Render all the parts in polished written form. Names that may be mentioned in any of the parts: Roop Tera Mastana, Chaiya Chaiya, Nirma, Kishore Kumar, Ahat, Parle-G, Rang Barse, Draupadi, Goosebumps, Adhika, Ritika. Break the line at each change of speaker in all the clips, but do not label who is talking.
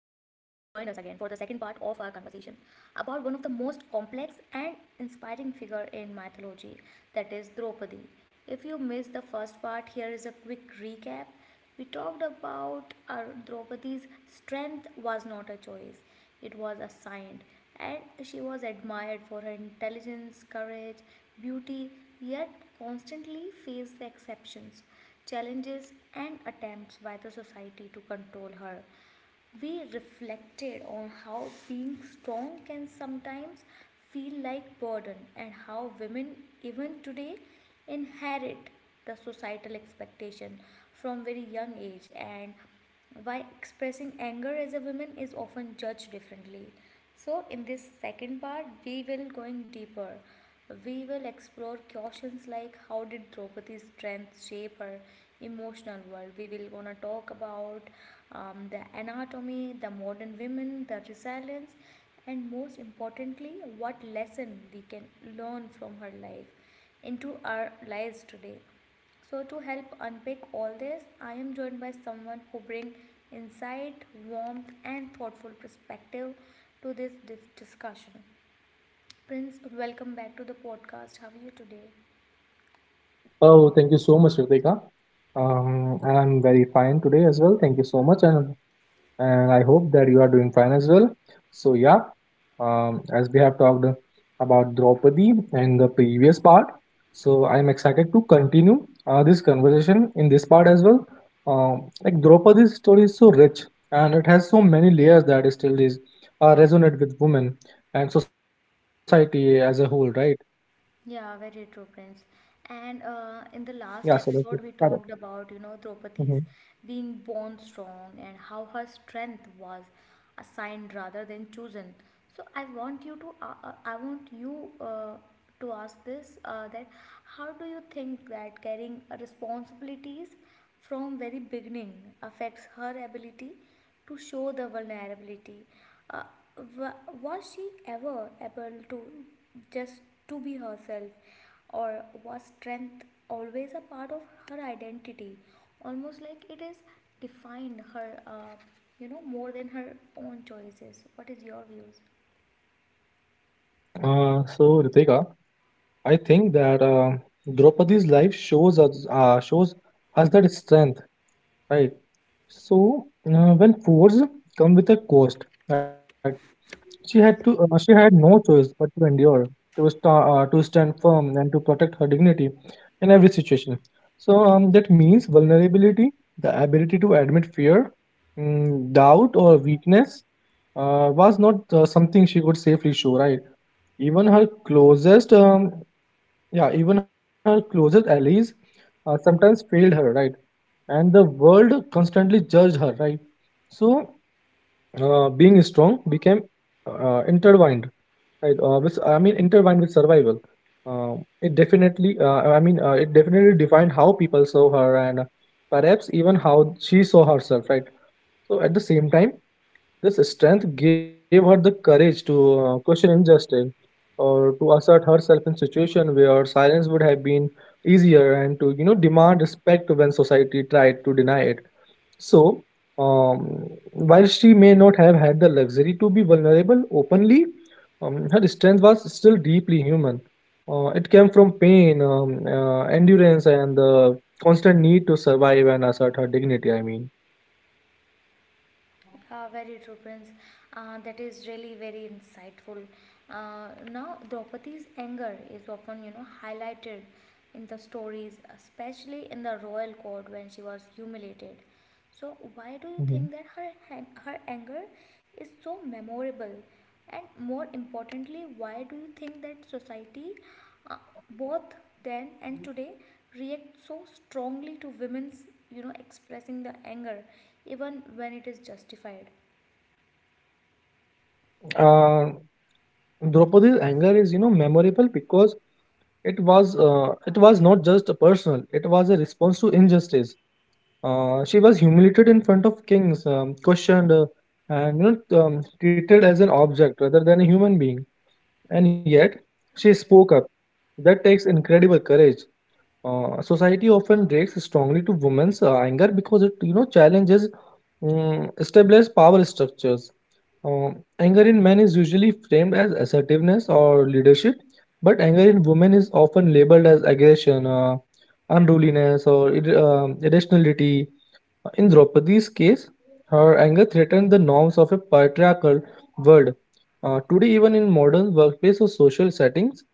our conversation about one of the most complex and inspiring figure in mythology that is Draupadi. If you missed the first part, here is a quick recap. We talked about our Draupadi's strength was not a choice, it was assigned, and she was admired for her intelligence, courage, beauty, yet constantly faced exceptions, challenges, and attempts by the society to control her. We reflected on how being strong can sometimes feel like burden and how women even today inherit the societal expectation from very young age and why expressing anger as a woman is often judged differently, so in this second part, we will going deeper. We will explore questions like how did Draupadi's strength shape her emotional world. We will gonna talk about the anatomy, the modern women, the resilience, and most importantly, what lesson we can learn from her life into our lives today. So to help unpick all this, I am joined by someone who brings insight, warmth, and thoughtful perspective to this discussion. Prince, welcome back to the podcast. How are you today?
Oh, thank you so much, Ritika. I'm very fine today as well. Thank you so much, and I hope that you are doing fine as well. So yeah, as we have talked about Draupadi in the previous part, so I'm excited to continue this conversation in this part as well. Like Draupadi's story is so rich and it has so many layers that it still is resonate with women and society as a whole, right?
Yeah, very true, Prince. And
Yeah, so
in the
let's get
last
started.
episode, we talked about, you
Mhm.
know, Draupadi's being born strong and how her strength was assigned rather than chosen. So I want you to, I want you to ask this that how do you think that carrying responsibilities from very beginning affects her ability to show the vulnerability. Uh, was she ever able to just to be herself, or was strength always a part of her identity, almost like it is defined her, you know, more than her own choices? What is your views?
So Ritika. I think that Draupadi's life shows us that strength, right? So when force come with a cost, right? She had no choice but to endure, to stand firm, and to protect her dignity in every situation. So that means vulnerability, the ability to admit fear, doubt, or weakness was not something she could safely show, right? Even her closest um, yeah, Even her closest allies sometimes failed her, right? And the world constantly judged her, right? So, being strong became intertwined, right? Intertwined with survival. Uh, it definitely defined how people saw her and perhaps even how she saw herself, right? So, at the same time, this strength gave her the courage to question injustice or to assert herself in situations where silence would have been easier, and to you know demand respect when society tried to deny it. So, while she may not have had the luxury to be vulnerable openly, her strength was still deeply human. It came from pain, endurance, and the constant need to survive and assert her dignity. I mean.
Yeah, very true, Prince. That is really very insightful. Now, Draupadi's anger is often, you know, highlighted in the stories, especially in the royal court when she was humiliated. So why do you
Mhm.
think that her anger is so memorable? And more importantly, why do you think that society, uh, both then and today, react so strongly to women's you know expressing the anger, even when it is justified?
Uh, Draupadi's anger is, you know, memorable because it was not just personal; it was a response to injustice. She was humiliated in front of kings, questioned, and you know, treated as an object rather than a human being. And yet, she spoke up. That takes incredible courage. Society often reacts strongly to women's anger because it, you know, challenges establish power structures. Anger in men is usually framed as assertiveness or leadership, but anger in women is often labeled as aggression, unruliness, or irrationality. In Draupadi's case, her anger threatened the norms of a patriarchal world. Today, even in modern workplace or social settings,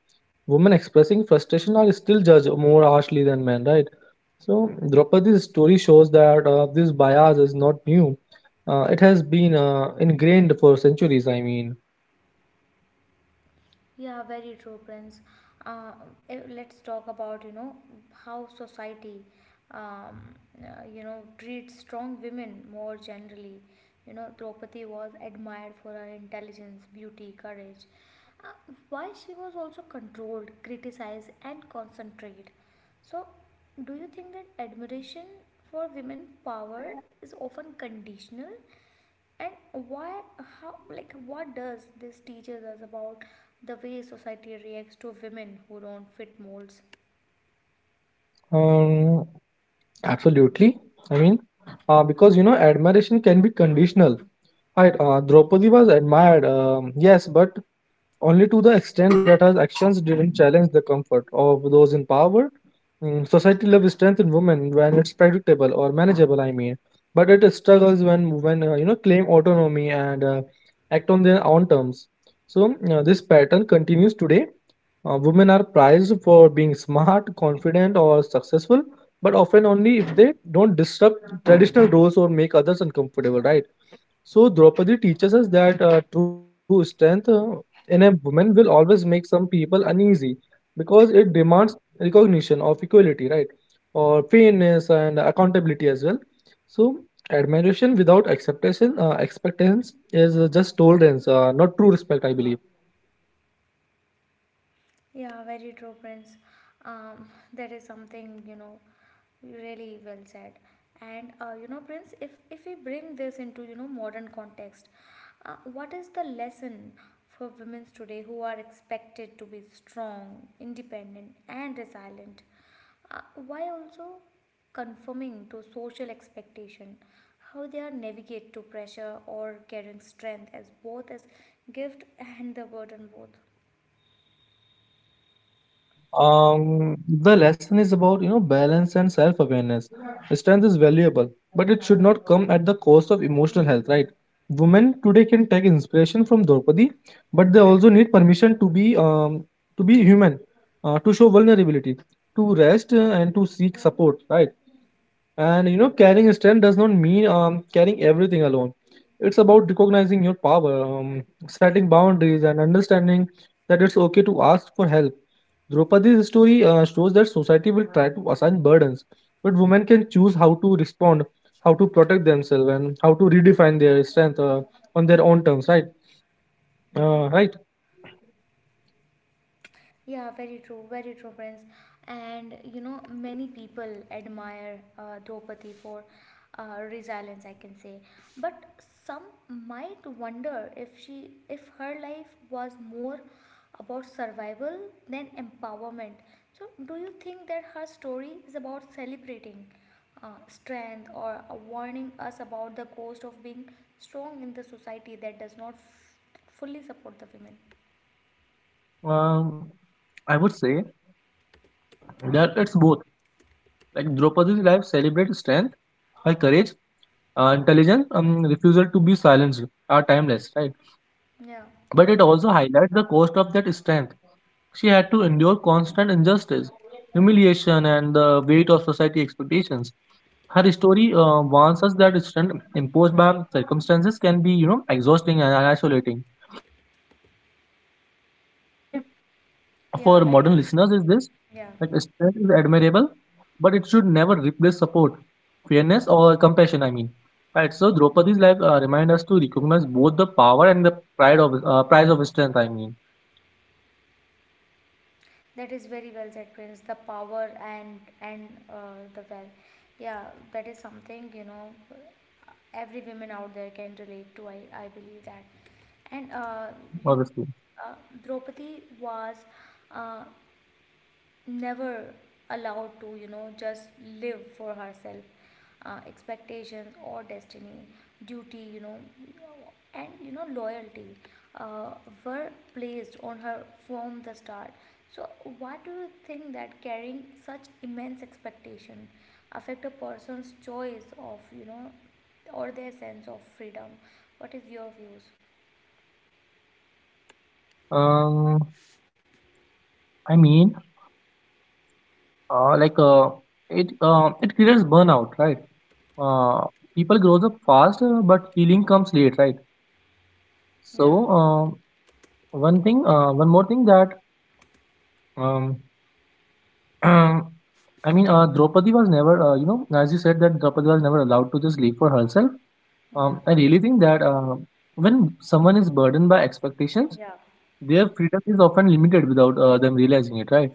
women expressing frustration are still judged more harshly than men, right? So Draupadi's story shows that this bias is not new. It has been ingrained for centuries. I mean,
Yeah, very true, Prince. Uh, let's talk about you know how society, um, you know, treats strong women more generally. You know, Draupadi was admired for her intelligence, beauty, courage. Why she was also controlled, criticized, and concentrated. So, do you think that admiration for women power is often conditional? And why, how, like what does this teaches us about the way society reacts to women who don't fit molds?
um, absolutely. I mean, because you know, admiration can be conditional. Right? Draupadi was admired, yes, but only to the extent that her actions didn't challenge the comfort of those in power. Society loves strength in women when it's predictable or manageable, I mean, but it struggles when you know claim autonomy and act on their own terms. So this pattern continues today. Women are prized for being smart, confident, or successful, but often only if they don't disrupt traditional roles or make others uncomfortable, right? So Draupadi teaches us that true strength in a woman will always make some people uneasy because it demands recognition of equality, right? Or fairness and accountability as well. So admiration without acceptation, expectance is just tolerance, not true respect, I believe.
Yeah, very true, Prince. That is something you know really well said. And you know, Prince, if we bring this into you know modern context, what is the lesson for women today who are expected to be strong, independent, and resilient, uh, while also conforming to social expectation? How they are navigate to pressure or carrying strength as both as gift and the burden both.
The lesson is about you know balance and self-awareness. Strength is valuable, but it should not come at the cost of emotional health, right? Women today can take inspiration from Draupadi, but they also need permission to be to be human, to show vulnerability, to rest and to seek support, right? And you know, carrying strength does not mean carrying everything alone. It's about recognizing your power, setting boundaries, and understanding that it's okay to ask for help. Draupadi's story shows that society will try to assign burdens, but women can choose how to respond, how to protect themselves, and how to redefine their strength on their own terms. Right? Right?
Yeah, very true, friends. And you know, many people admire Draupadi for resilience, I can say. But some might wonder if she, if her life was more about survival than empowerment. So, do you think that her story is about celebrating strength or warning us about the cost of being strong in the society that does not fully support the women?
Um, I would say that it's both. Like Draupadi's life celebrates strength, her courage, intelligent refusal to be silenced are timeless, right?
Yeah,
But it also highlights the cost of that strength. She had to endure constant injustice, humiliation, and the weight of society expectations. Her story warns us that strength imposed by circumstances can be, you know, exhausting and isolating. The takeaway for modern listeners
yeah,
is this,
very,
that strength
yeah.
is admirable, but it should never replace support, fairness, or compassion. I mean, right? So Draupadi's life remind us to recognize both the power and the pride of price of strength. I mean,
That is very well said, Prince. The power and the, well, yeah, that is something you know every woman out there can relate to. I believe that, and you know,
obviously.
uh, Draupadi was uh, never allowed to you know just live for herself, expectations or destiny, duty, you know, and you know loyalty uh, were placed on her from the start. So what do you think that carrying such immense expectation affect a person's choice of you know or their sense of freedom? What is your views?
Um, I mean, uh, like uh, it it creates burnout, right? Uh, People grows up fast, but healing comes late, right?
Yeah,
So one more thing that um, Um, Draupadi was never, you know, as you said, that Draupadi was never allowed to just live for herself.
yeah,
I really think that when someone is burdened by expectations,
Yeah,
their freedom is often limited without them realizing it, right?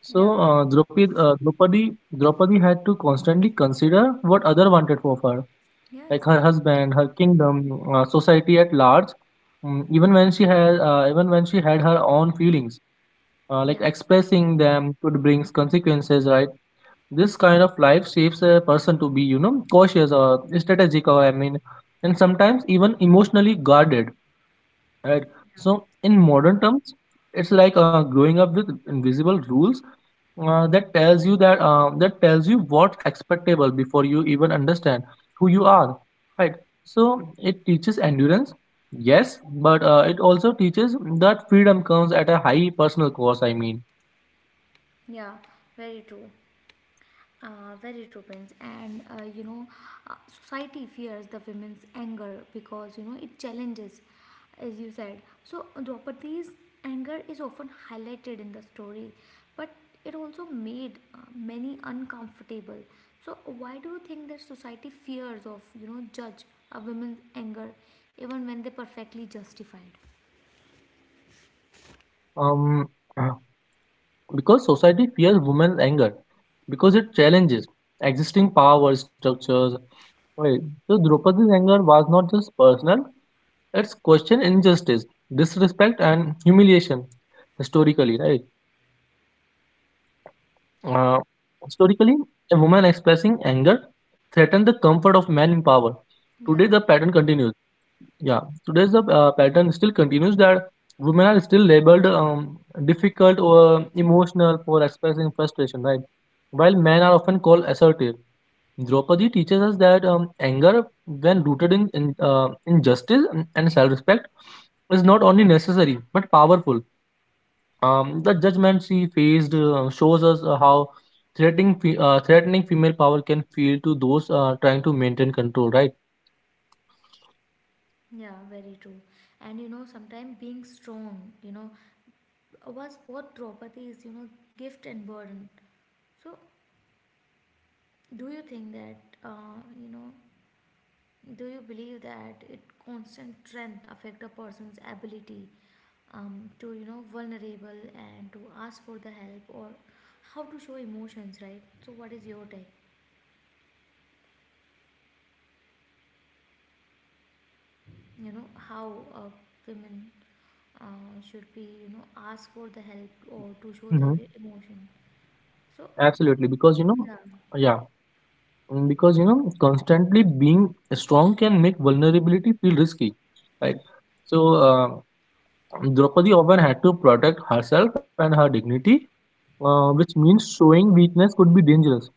So
yeah,
Draupadi had to constantly consider what other wanted for her,
yeah,
like her
exactly,
husband, her kingdom, society at large. Mm, even when she had her own feelings, like
yeah.
expressing them could bring consequences, right? This kind of life shapes a person to be you know cautious or strategic, or I mean, and sometimes even emotionally guarded, right? So in modern terms, it's like growing up with invisible rules that tells you what's expectable before you even understand who you are, right? So it teaches endurance, yes, but it also teaches that freedom comes at a high personal cost. I mean.
Yeah, very true. Very true, Prince. And you know, society fears the women's anger because you know it challenges, as you said. So Draupadi's anger is often highlighted in the story, but it also made many uncomfortable. So why do you think that society fears of you know judge a woman's anger, even when they perfectly justified?
Um Because society fears women's anger, because it challenges existing power structures. Right. So Draupadi's anger was not just personal; it's questioned injustice, disrespect, and humiliation historically, right? Uh, Historically, a woman expressing anger threatened the comfort of men in power. Today, the
Yeah,
pattern
very,
continues. Yeah, today's the pattern still continues, that women are still labeled difficult or emotional for expressing frustration, right? While men are often called assertive. Draupadi teaches us that anger, when rooted in, in injustice and self-respect, is not only necessary but powerful. The judgment she faced shows us how threatening female power can feel to those trying to maintain control, right?
yeah, very true. And you know, sometimes being strong, you know, was both Draupadi's, you know, gift and burden. So, do you think that, you know, do you believe that it constant strength affect a person's ability to, you know, vulnerable and to ask for the help or how to show emotions, right? So, what is your take? You know, how women uh, should be, you know,
Yeah.
ask for the help or to show the
Mm-hmm.
emotion. So,
Absolutely, because you know, yeah, because you know, constantly being strong can make vulnerability feel risky, right? So, Draupadi often had to protect herself and her dignity, which means showing weakness could be dangerous.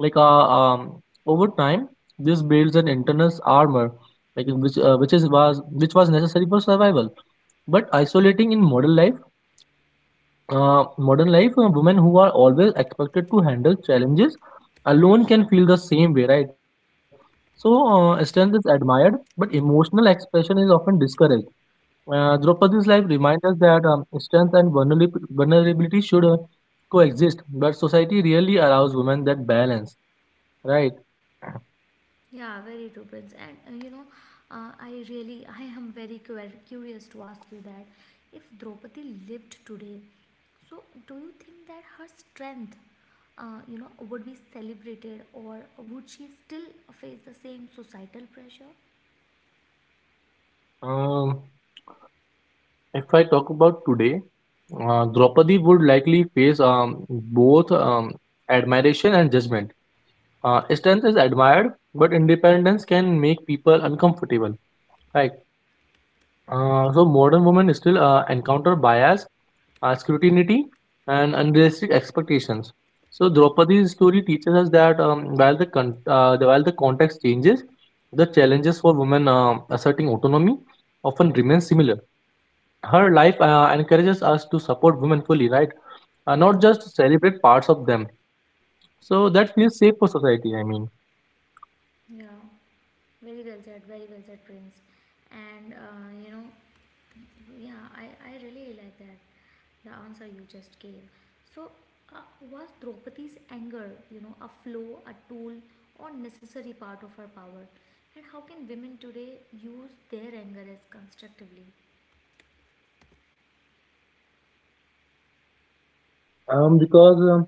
Like, uh, um, Over time, this builds an internal armor, like
yeah.
which is was which was necessary for survival. But isolating in modern life, women who are always expected to handle challenges alone can feel the same way, right? So, strength is admired, but emotional expression is often discouraged. Draupadi's life reminds us that strength and vulnerability should coexist, but society really allows women that balance, right?
Yeah, very true, Prince. And you know, I really, I am very curious to ask you that if Draupadi lived today, so do you think that her strength, you know, would be celebrated, or would she still face the same societal pressure?
Um, if I talk about today, Draupadi would likely face both admiration and judgment. Strength is admired, but independence can make people uncomfortable. Right. So modern women still encounter bias, scrutiny, and unrealistic expectations. So Draupadi's story teaches us that while the context changes, the challenges for women asserting autonomy often remain similar. Her life encourages us to support women fully, right?
Yeah.
Not just celebrate parts of them. So that feels safe for society. I mean,
Yeah, very well said, Prince. And you know, yeah, I really like that, the answer you just gave. So, uh, was Draupadi's anger, you know, a flaw, a tool, or necessary part of her power? And how can women today use their anger as constructively?
because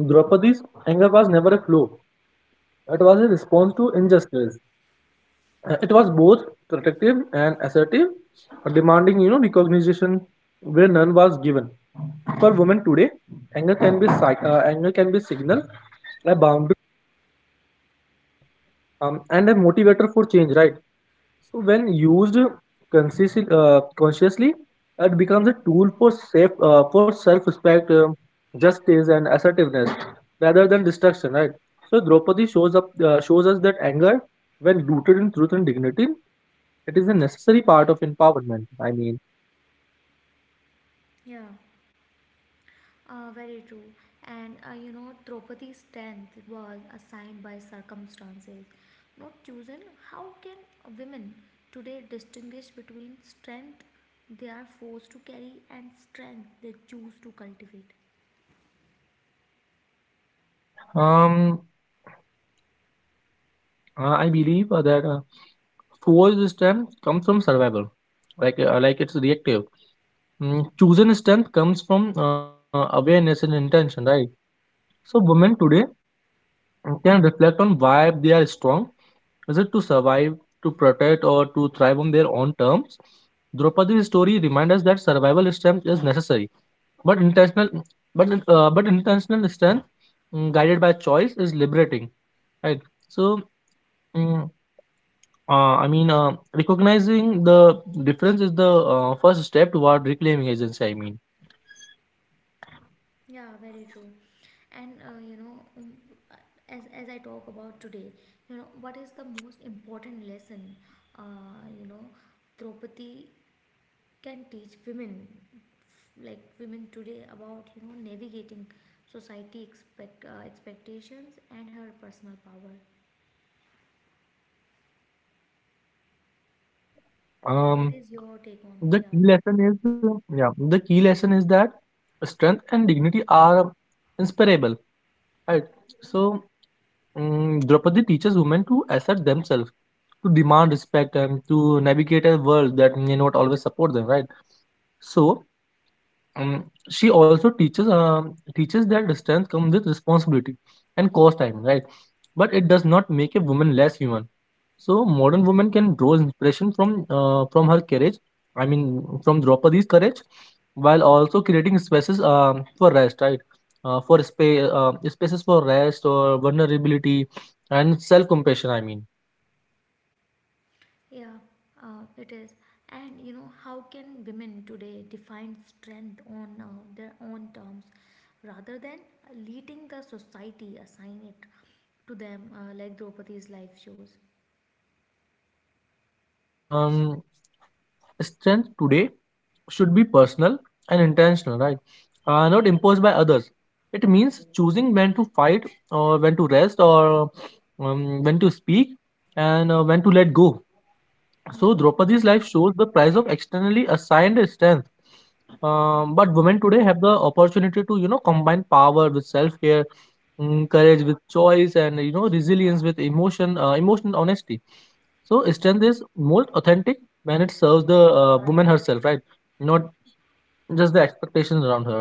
Draupadi's anger was never a flaw. It was
Yeah.
a response to injustice. It was both protective and assertive, demanding, you know, recognition where none was given. For women today, anger can be signal, a boundary, and a
Yeah.
motivator for change. Right? So when used consciously, it becomes a tool for safe for self-respect, justice, and assertiveness rather than destruction. Right. So Draupadi shows up shows us that anger, when rooted in truth and dignity, it is a necessary part of empowerment. I mean,
Yeah, very true. And you know, Draupadi's strength was assigned by circumstances, not chosen. How can women today distinguish between strength they are forced to carry and strength they choose to cultivate?
um, I believe that forged strength comes from survival, like it's reactive. Chosen strength comes from awareness and intention. Right. So women today and can reflect on why they are strong. Is it to survive, to protect, or to thrive on their own terms? Draupadi's story reminds us that survival strength is necessary, but intentional, but intentional strength, guided by choice, is liberating. Right. So, mm, Recognizing the difference is the first step toward reclaiming agency. I mean,
Yeah, very true. And you know, uh, as I talk about today, you know, what is the most important lesson? You know, Draupadi can teach women like women today about you know navigating society expectations and her personal power. What
um,
is your take on?
the
Yeah,
key lesson is Yeah, the key lesson is that strength and dignity are inseparable. Right. So, Draupadi teaches women to assert themselves, to demand respect, and to navigate a world that may not always support them. Right. So, um, she also teaches that distance comes with responsibility and cost time, right? But it does not make a woman less human. So modern women can draw inspiration from her courage. I mean, from Draupadi's courage, while also creating spaces for rest, right? Spaces for rest or vulnerability and self compassion.
yeah. It is. And you know how can women today define strength on their own terms rather than letting the society assign it to them, like Draupadi's life shows.
Um, Strength today should be personal and intentional, right? Not imposed by others. It means choosing when to fight or when to rest, or when to speak and when to let go. So
Yeah,
Draupadi's life shows the price of externally assigned strength.
yeah.
But women today have the opportunity to, you know, combine power with self care, courage with choice, and, you know, resilience with emotional honesty. So strength is most authentic when it serves the woman herself, right, not just the expectations around her.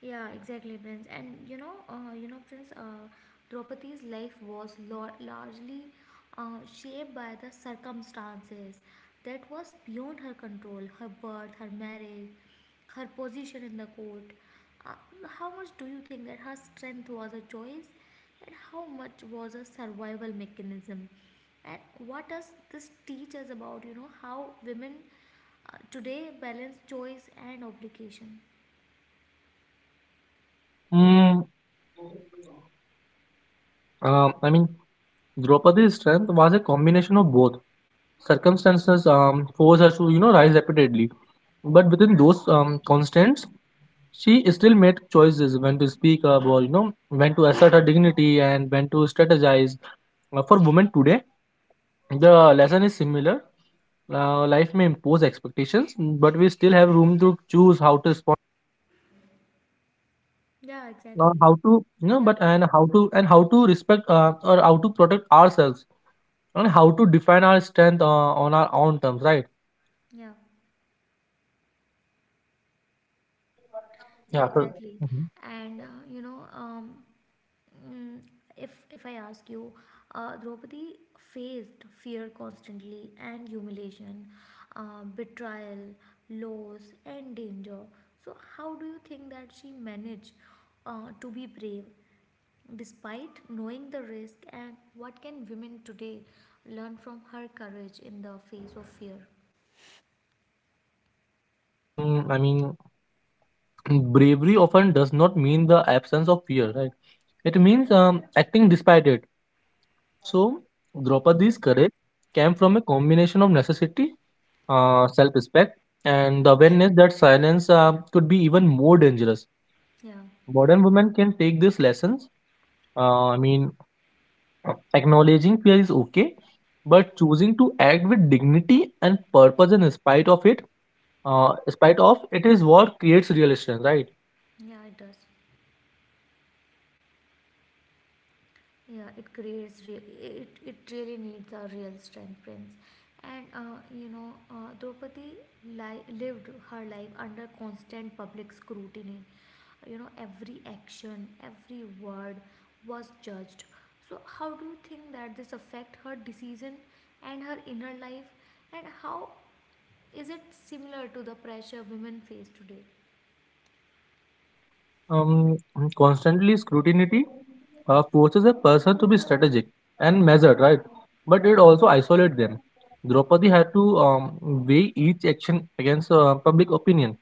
Yeah, exactly, Prince. And you know, Prince, Draupadi's life was largely shaped by the circumstances that was beyond her control. Her birth, her marriage, her position in the court. Uh, how much do you think that her strength was a choice, and how much was a survival mechanism? And what does this teach us about, you know, how women today balance choice and obligation?
mm, um, i mean Draupadi's strength was a combination of both. Circumstances forced her to, you know, rise repeatedly, but within those constraints she still made choices when to speak up, or, you know, when to assert her dignity and when to strategize. For women today the lesson is similar. Life may impose expectations, but we still have room to choose how to respond,
Yeah,
or
exactly.
how to you know,
Yeah,
but and how to respect or how to protect ourselves and how to define our strength, on our own terms, right?
yeah, yeah,
Yeah. So,
exactly.
Mhm.
And you know, mm, if I ask you, Draupadi faced fear constantly and humiliation, betrayal, loss, and danger. So how do you think that she managed to be brave despite knowing the risk? And what can women today learn from her courage in the face of fear?
um, I mean, bravery often does not mean the absence of fear, right? It means, acting despite it. So,
Yeah,
Draupadi's courage came from a combination of necessity, self respect, and the
yeah,
awareness that silence could be even more dangerous.
yeah,
Modern women can take these lessons. Uh, I mean, Acknowledging fear is okay, but choosing to act with dignity and purpose in spite of it, in spite of it is what creates real strength, right?
yeah, it does. Yeah, it creates real, it really needs a real strength, Prince. And you know, Draupadi lived her life under constant public scrutiny. You know, every action, every word was judged. So, how do you think that this affect her decision and her inner life? And how is it similar to the pressure women face today?
Um, Constantly scrutiny forces a person to be strategic and measured, right? But it also isolates them. Draupadi had to weigh each action against public opinion.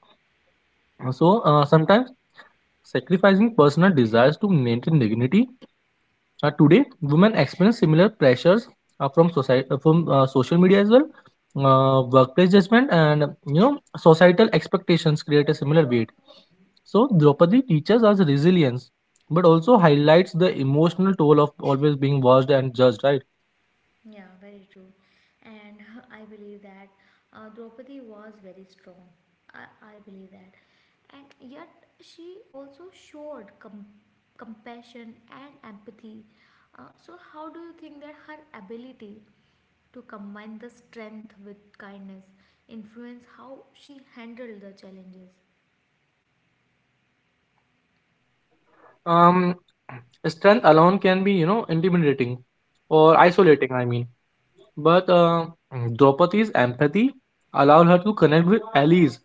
So sometimes sacrificing personal desires to maintain dignity. Today, women experience similar pressures from society, from social media as well. Workplace judgment and, you know, societal expectations create a similar weight. So Draupadi teaches us resilience, but also highlights the emotional toll of always being watched and judged, right?
Yeah, very true. And I believe that Draupadi was very strong. I believe that. And yet, she also showed compassion and empathy. So, how do you think that her ability to combine the strength with kindness influence how she handled the challenges?
Um, Strength alone can be, you know, intimidating or
Yeah.
isolating, I mean. But Draupadi's empathy allowed her to connect with allies,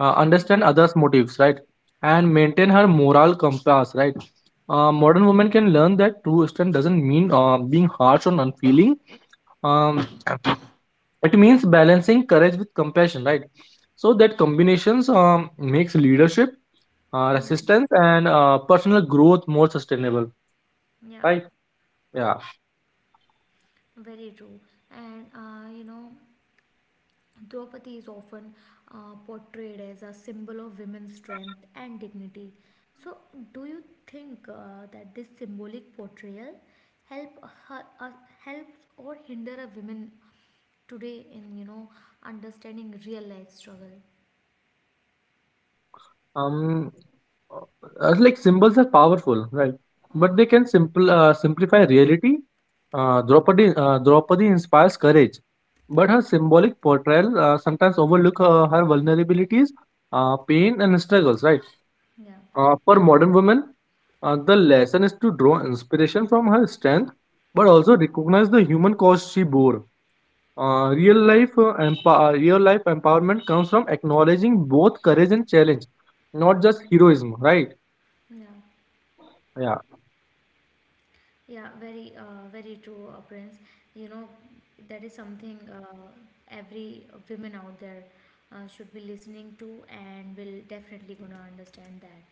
Mm.
understand others' motives, right? And maintain her moral compass, right? Modern women can learn that true strength doesn't mean being harsh or unfeeling. Um, it means balancing courage with compassion, right? So that combinations, makes leadership,
Yeah.
resistance, and personal growth more sustainable,
Yeah.
right? Yeah.
Very true. And you know, Draupadi is often portrayed as a symbol of women's strength and dignity. So, do you think that this symbolic portrayal help her, uh, helps or hinder a woman today in you know understanding real life struggle?
um Symbols are powerful, right? But they can simple simplify reality. Draupadi inspires courage, but her symbolic portrayal sometimes overlook her vulnerabilities, pain, and struggles. Right?
Yeah,
For modern women, the lesson is to draw inspiration from her strength, but also recognize the human cost she bore. Real life empowerment comes from acknowledging both courage and challenge, not just heroism. Right?
yeah.
Yeah.
Yeah, very, very true, Prince. You know, that is something every women out there should be listening to and will definitely gonna understand that.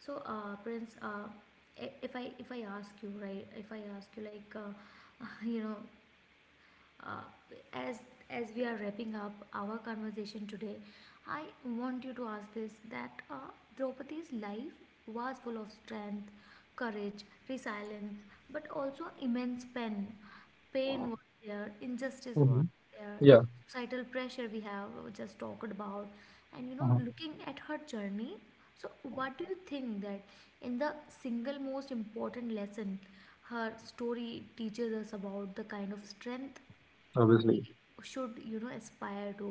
So, Prince, if I ask you, right, if I ask you, like, you know, uh, as as we are wrapping up our conversation today, I want you to ask this that Draupadi's life was full of strength, courage, resilience, but also immense pain. Pain was there, injustice was
Hmm.
there,
Yeah.
societal pressure we have just talked about, and you know,
Uh.
looking at her journey. So, what do you think that in the single most important lesson her story teaches us about the kind of strength
Obviously.
should you know aspire to,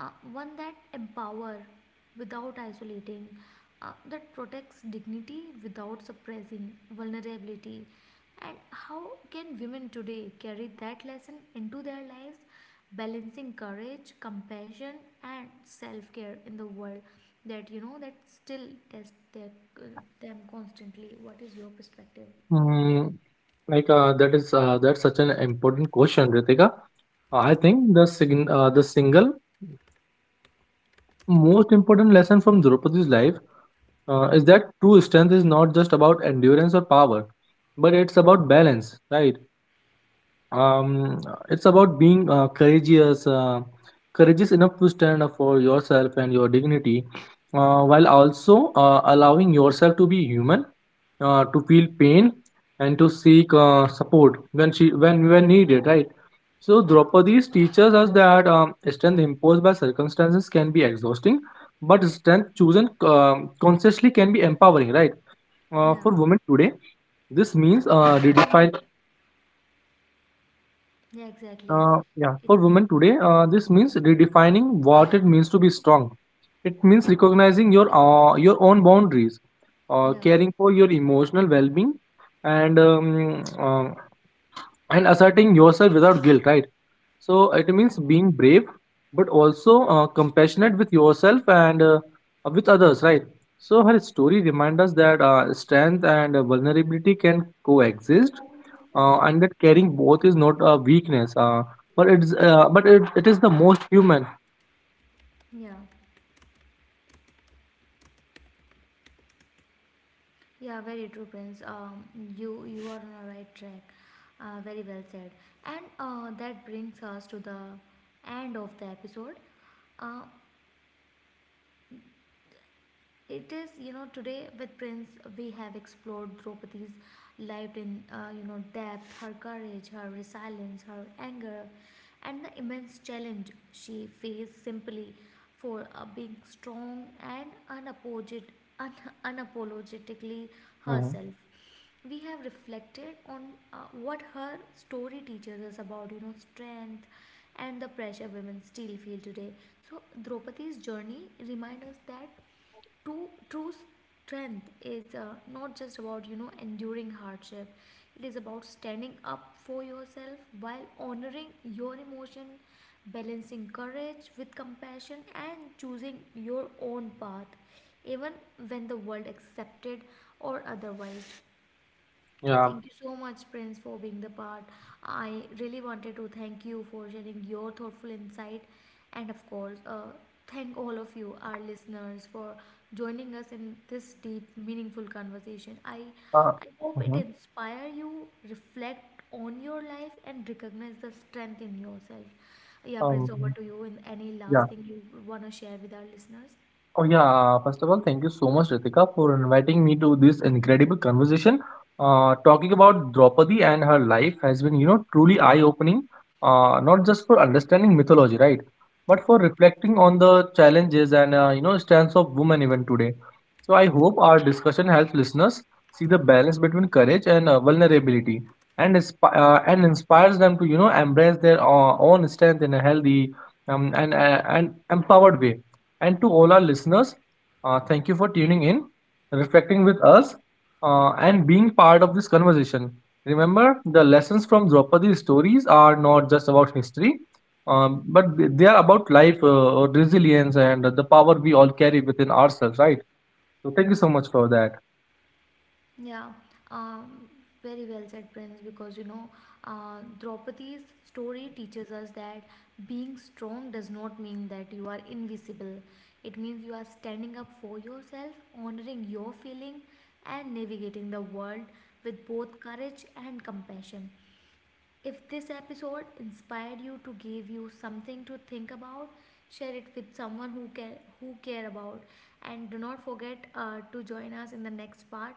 one that empower without isolating, that protects dignity without suppressing vulnerability, and how can women today carry that lesson into their lives, balancing courage, compassion, and self-care in the world that you know that still test them constantly? What is your perspective?
Mm, that's such an important question, Ritika. I think the single most important lesson from Draupadi's life is that true strength is not just about endurance or power, but it's about balance, right? um it's about being courageous enough to stand up for yourself and your dignity, while also allowing yourself to be human, to feel pain, and to seek support when she when needed, right? So Draupadi's teaches us that, strength imposed by circumstances can be exhausting, but strength chosen, consciously, can be empowering, right?
Yeah,
For women today this means redefining
yeah, exactly,
Yeah,
it,
for women today, this means redefining what it means to be strong. It means recognizing your own boundaries,
yeah,
caring for your emotional well-being, and um, uh, and asserting yourself without guilt. Right? So it means
yeah,
being brave, but also compassionate with yourself and with others, right? So her story reminds us that, strength and vulnerability can coexist,
yeah.
and that carrying both is not a weakness, but it is the most human.
Yeah, yeah, very true, Prince. You, you are on the right track. Very well said. And that brings us to the end of the episode. Uh, it is you know today with Prince we have explored Draupadi's life in you know depth, her courage, her resilience, her anger, and the immense challenge she faced simply for being strong and unapologetic, un- unapologetically
Mhm.
herself. We have reflected on what her story teaches us about you know strength and the pressure women still feel today. So Draupadi's journey reminds us that true strength is not just about you know enduring hardship. It is about standing up for yourself while honoring your emotion, balancing courage with compassion, and choosing your own path, even when the world accepted or otherwise.
Yeah.
Thank you so much, Prince, for being the part. I really wanted to thank you for sharing your thoughtful insight, and of course, thank all of you, our listeners, for joining us in this deep, meaningful conversation.
Uh,
I hope it
mhm.
inspire you, reflect on your life, and recognize the strength in yourself. Yeah, Prince,
um,
over to you. In any
yeah.
last thing you wanna share with our listeners?
Oh yeah, first of all, thank you so much, Ritika, for inviting me to this incredible conversation. Talking about Draupadi and her life has been, you know, truly eye-opening, not just for understanding mythology, right, but for reflecting on the challenges and, you know, stance of women even today. So I hope our discussion helps listeners see the balance between courage and vulnerability, and inspires them to, you know, embrace their own strength in a healthy, and empowered way. And to all our listeners, thank you for tuning in, reflecting with us, and being part of this conversation. Remember, the lessons from Draupadi's stories are not just about history, they are about life, resilience, and the power we all carry within ourselves, right? So, thank you so much for that.
Yeah, um, very well said, Prince, because you know, Draupadi's story teaches us that being strong does not mean that you are invisible. It means you are standing up for yourself, honoring your feeling, and navigating the world with both courage and compassion. If this episode inspired you to give you something to think about, share it with someone who care about, and do not forget to join us in the next part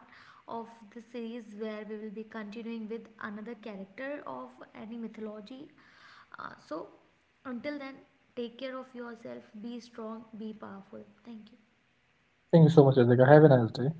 of the series where we will be continuing with another character of any mythology. So, until then, take care of yourself. Be strong. Be powerful. Thank you.
Thank you so much, Adhika. Have a nice day.